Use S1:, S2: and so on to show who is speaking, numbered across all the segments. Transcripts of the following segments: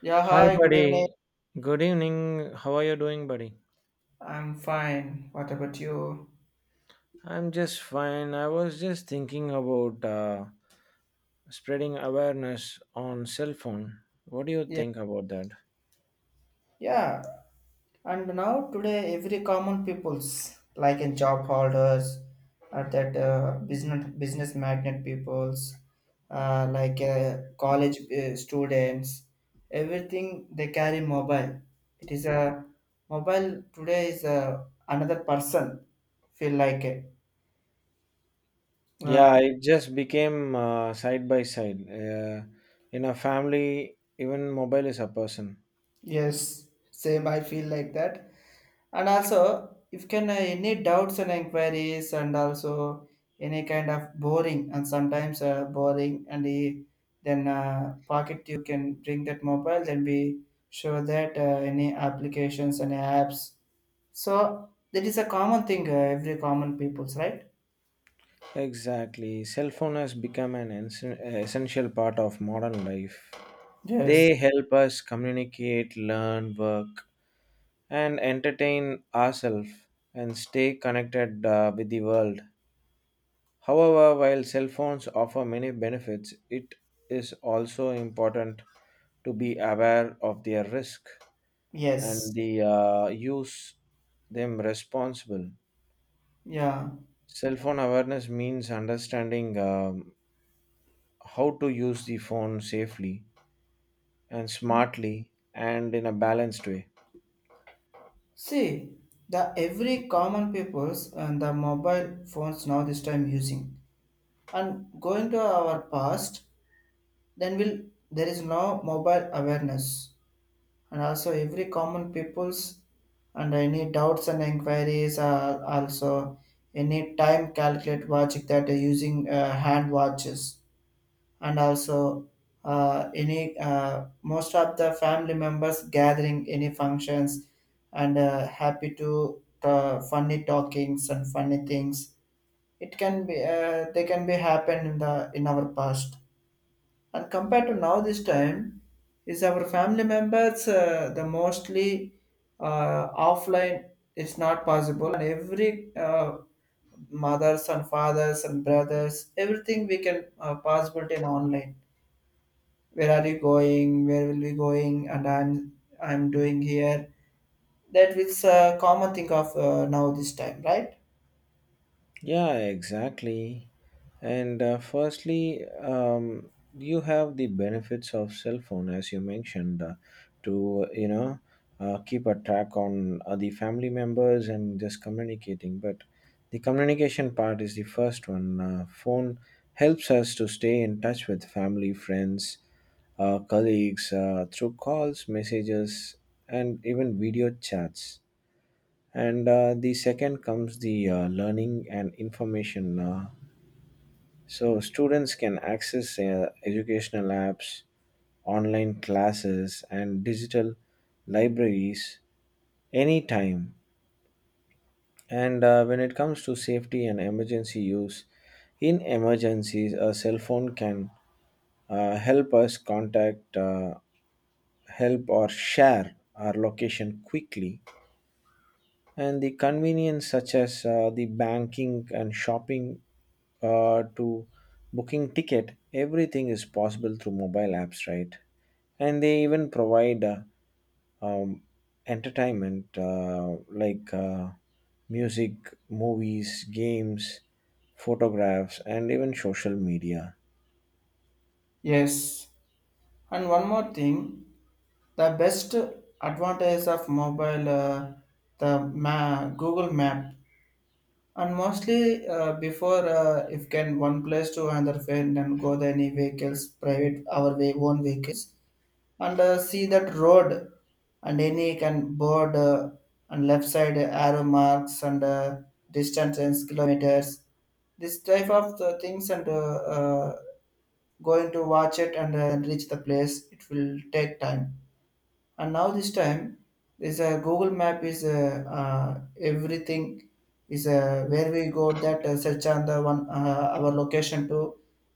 S1: Yeah,
S2: Hi,
S1: hi, good evening.
S2: buddy. Good evening. How are you doing, buddy?
S1: I'm fine. What about you?
S2: I'm just fine. I was just thinking about spreading awareness on cell phone. What do you
S1: Yeah.
S2: think about that?
S1: Yeah. And now today every common peoples like in job holders or that business magnet peoples like college students everything they carry mobile. It is a mobile today is another person feel like it. Uh,
S2: Yeah, it just became side by side. In a family, even mobile is a person.
S1: yes, same I feel like that. And also, if can any doubts and inquiries, and also any kind of boring, and sometimes boring, and the, then pocket you can bring that mobile, then we show that any applications and apps. So that is a common thing, every common people's, right?
S2: Exactly. Cell phone has become an essential part of modern life.
S1: Yes.
S2: They help us communicate, learn, work, and entertain ourselves, and stay connected with the world. However, while cell phones offer many benefits, it is also important to be aware of their risk and
S1: Yes.
S2: the use them responsible.
S1: Yeah.
S2: Cell phone awareness means understanding how to use the phone safely and smartly and in a balanced way.
S1: See, the every common peoples and the mobile phones now this time using and going to our past. Then will there is no mobile awareness, and also every common people's and any doubts and inquiries are also any time calculate watch that are using hand watches, and also any most of the family members gathering any functions and happy to funny talkings and funny things, it can be they can be happen in the in our past. And compared to now this time is our family members the mostly offline is not possible, and every mothers and fathers and brothers everything we can possibility in online. Where are you going, where will we going, and I'm doing here. That is a common thing of now this time, right?
S2: Yeah, exactly. And firstly, you have the benefits of cell phone, as you mentioned, to keep a track on the family members and just communicating. But the communication part is the first one. Phone helps us to stay in touch with family, friends, colleagues, through calls, messages, and even video chats, and the second comes the learning and information. So students can access educational apps, online classes, and digital libraries anytime. And when it comes to safety and emergency use, in emergencies, a cell phone can help us contact help, or share our location quickly. And the convenience, such as the banking and shopping to booking ticket, everything is possible through mobile apps, right? And they even provide um, entertainment, like music, movies, games, photographs, and even social media.
S1: Yes. And one more thing, the best advantage of mobile, the Google Map, and mostly before if can one place to another friend and go the any vehicles, private our way own vehicles, and see that road, and any can board and left side arrow marks and distances kilometers, this type of the things and going to watch it and reach the place it will take time. And now this time this google map is everything is where we go, that search on the one our location to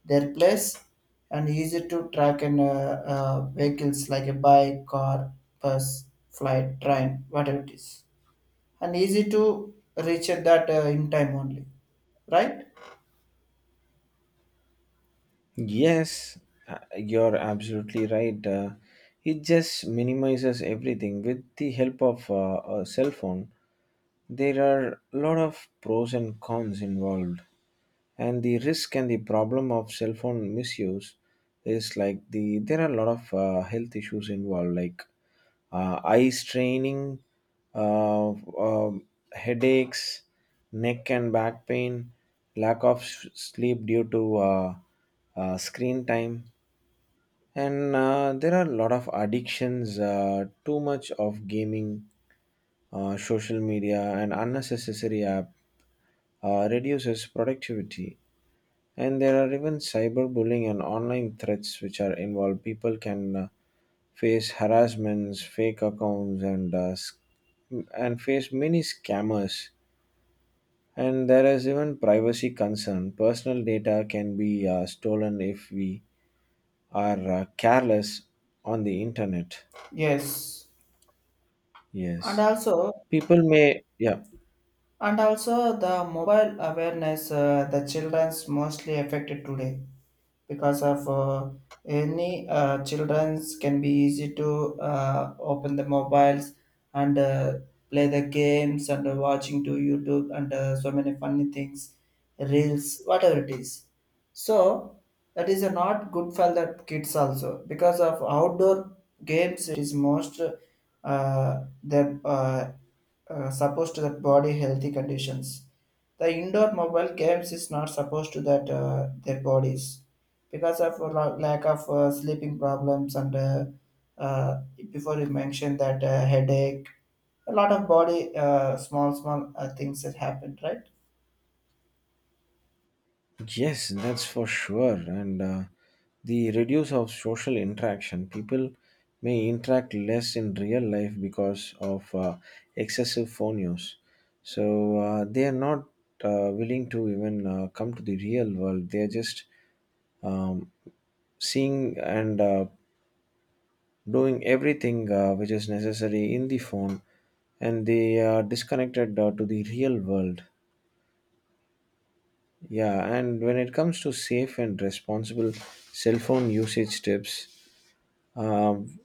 S1: their place, and easy to track, and vehicles like a bike, car, bus, flight, train, whatever it is, and easy to reach at that in time only, right?
S2: Yes, you're absolutely right. It just minimizes everything with the help of a cell phone. There are a lot of pros and cons involved, and the risk and the problem of cell phone misuse is like there are a lot of health issues involved, like eye straining, uh, um headaches, neck and back pain, lack of sleep due to screen time, and there are a lot of addictions, too much of gaming, social media, and unnecessary app reduces productivity. And there are even cyberbullying and online threats which are involved. People can face harassments, fake accounts, and face many scammers. And there is even privacy concern. Personal data can be stolen if we are careless on the internet.
S1: Yes. and
S2: Yes,
S1: also
S2: people may, yeah.
S1: And also the mobile awareness, the children's mostly affected today because of any children's can be easy to open the mobiles and play the games and watching to YouTube and so many funny things, reels, whatever it is. So that is not good for the kids also, because of outdoor games it is most the supposed to that body healthy conditions. The indoor mobile games is not supposed to that their bodies because of a lack of sleeping problems, and uh, before you mentioned that headache, a lot of body small things that happened, right?
S2: Yes, that's for sure. And the reduce of social interaction, people may interact less in real life because of excessive phone use. So they are not willing to even come to the real world. They are just um, seeing and doing everything which is necessary in the phone, and they are disconnected to the real world. Yeah, and when it comes to safe and responsible cell phone usage tips, um,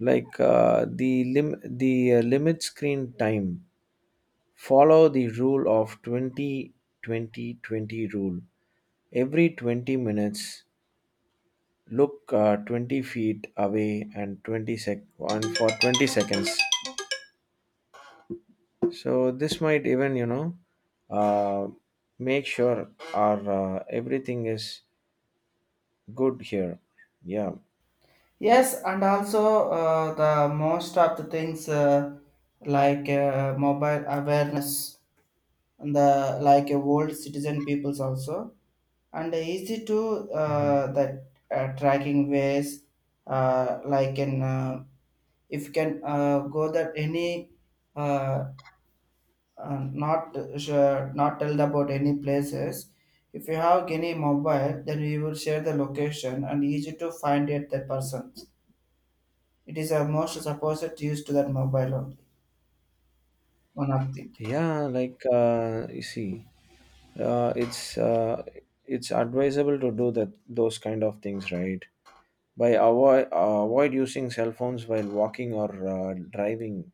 S2: like the limit screen time. Follow the rule of 20-20-20 rule. Every 20 minutes, look 20 feet away and for 20 seconds. So this might even uh, make sure our everything is good here. Yeah.
S1: Yes, and also the most of the things, like mobile awareness and the like old citizen peoples also and easy to
S2: Mhm.
S1: that tracking ways, like in if you can go that any uh, not sure, not tell about any places, if you have any mobile then we will share the location and easy to find it the person. It is a most supposed used to that mobile only, one of thing.
S2: Yeah, like you see, uh, it's uh, it's advisable to do that those kind of things, right? By avoid using cell phones while walking or driving.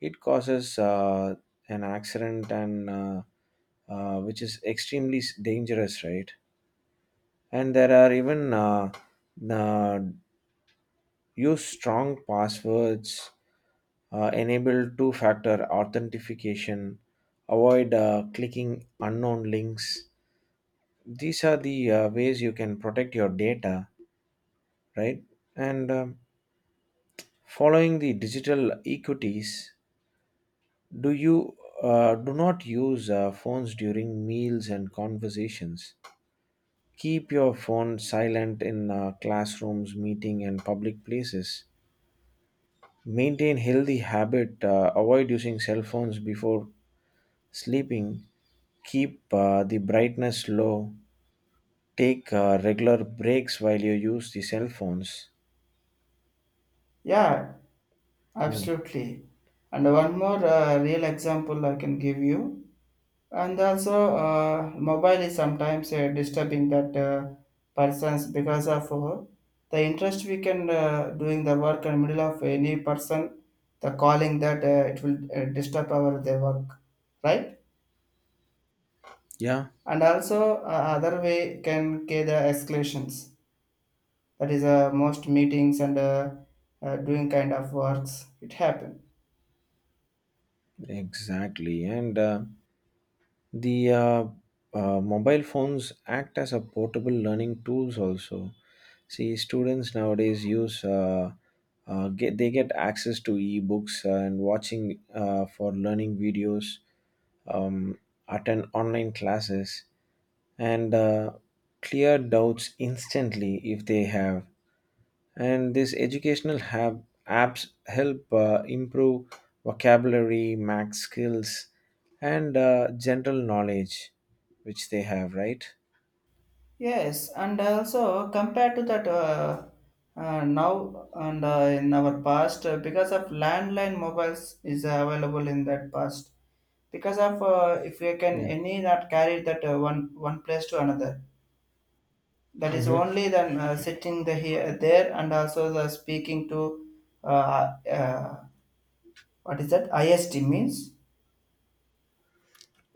S2: It causes an accident, and which is extremely dangerous, right? And there are even uh, use strong passwords, enable two factor authentication, avoid clicking unknown links. These are the ways you can protect your data, right? And following the digital equities, do you do not use phones during meals and conversations. Keep your phone silent in classrooms, meeting, and public places. Maintain healthy habit. Avoid using cell phones before sleeping, keep the brightness low, take regular breaks while you use the cell phones.
S1: Yeah,
S2: Yeah.
S1: absolutely. And one more real example I can give you. And also mobile is sometimes disturbing that persons because of the interest we can doing the work in middle of any person, the calling that it will disturb our their work, right?
S2: Yeah,
S1: And also other way can get the escalations. That is most meetings and doing kind of works it happen.
S2: exactly. And the mobile phones act as a portable learning tools also. See, students nowadays use get they get access to e-books and watching for learning videos, um, attend online classes, and clear doubts instantly if they have. And these educational apps help improve vocabulary, math skills, and general knowledge which they have, right?
S1: Yes, and also compared to that now and in our past, because of landline mobiles is available in that past. Because of if you can
S2: Yeah.
S1: any not carry that one place to another, that is
S2: Mhm.
S1: only, then sitting the here there, and also the speaking to uh, uh, what is that IST means?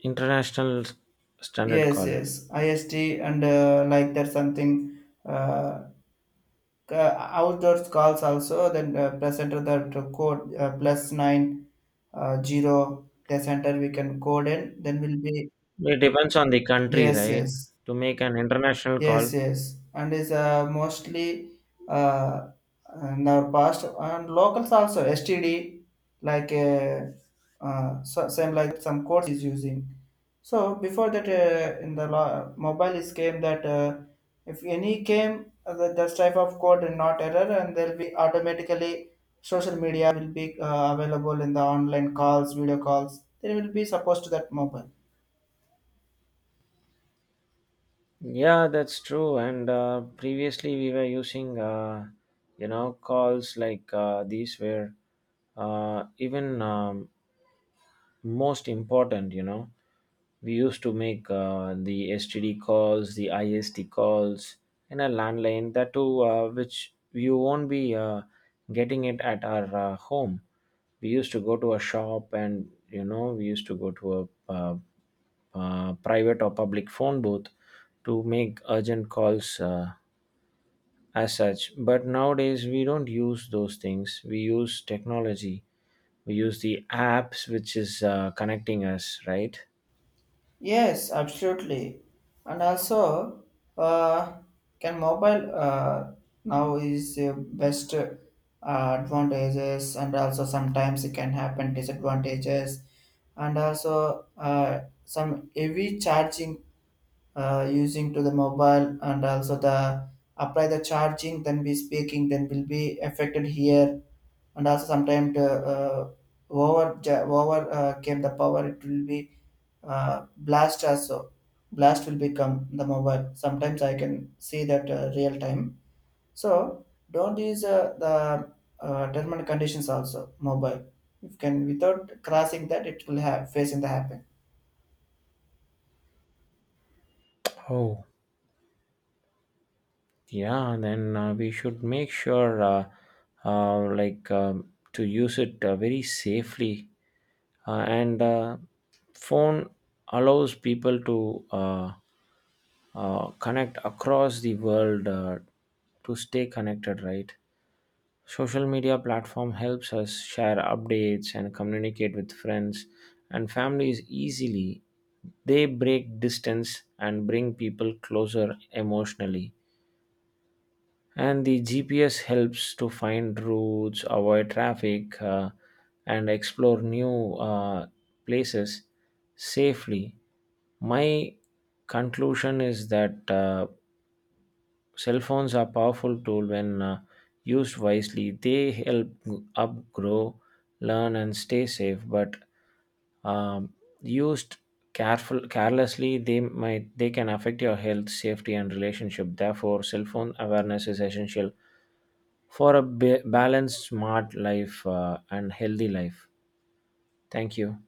S2: International standard
S1: Yes,
S2: call.
S1: yes, IST, and like that something. Uh, uh, outdoors calls also, then presenter the code plus nine zero the center we can code in then will be.
S2: It depends on the country,
S1: Yes,
S2: right?
S1: yes.
S2: To make an international
S1: Yes,
S2: call.
S1: yes, and is mostly uh, in our past and locals also STD, like so same like some course is using. So before that, in the mobile is came that if any came that type of code and not error, and there'll be automatically social media will be available in the online calls, video calls. There will be supposed to that mobile.
S2: Yeah, that's true. And previously we were using, calls like these were even, most important. We used to make the STD calls, the IST calls, in a landline, that too, which you won't be getting it at our home. We used to go to a shop and, we used to go to a private or public phone booth to make urgent calls as such. But nowadays, we don't use those things. We use technology. We use the apps which is connecting us, right?
S1: Yes, absolutely. And also, uh, can mobile now is best advantages, and also sometimes it can happen disadvantages, and also some heavy charging using to the mobile, and also the apply the charging, then be speaking, then will be affected here, and also sometimes uh, over over came the power, it will be blast also. Blast will become the mobile sometimes I can see that real time. So don't use the terminal conditions also mobile, you can without crossing that it will have facing the happen.
S2: Oh, yeah, then we should make sure, like, to use it very safely. And phone allows people to connect across the world, to stay connected, right? Social media platform helps us share updates and communicate with friends and families easily. They break distance and bring people closer emotionally. And the GPS helps to find routes, avoid traffic, and explore new places safely. My conclusion is that cell phones are powerful tool when used wisely. They help upgrow, learn, and stay safe. But um, used careful carelessly, they can affect your health, safety, and relationship. Therefore, cell phone awareness is essential for a balanced, smart life, and healthy life. Thank you.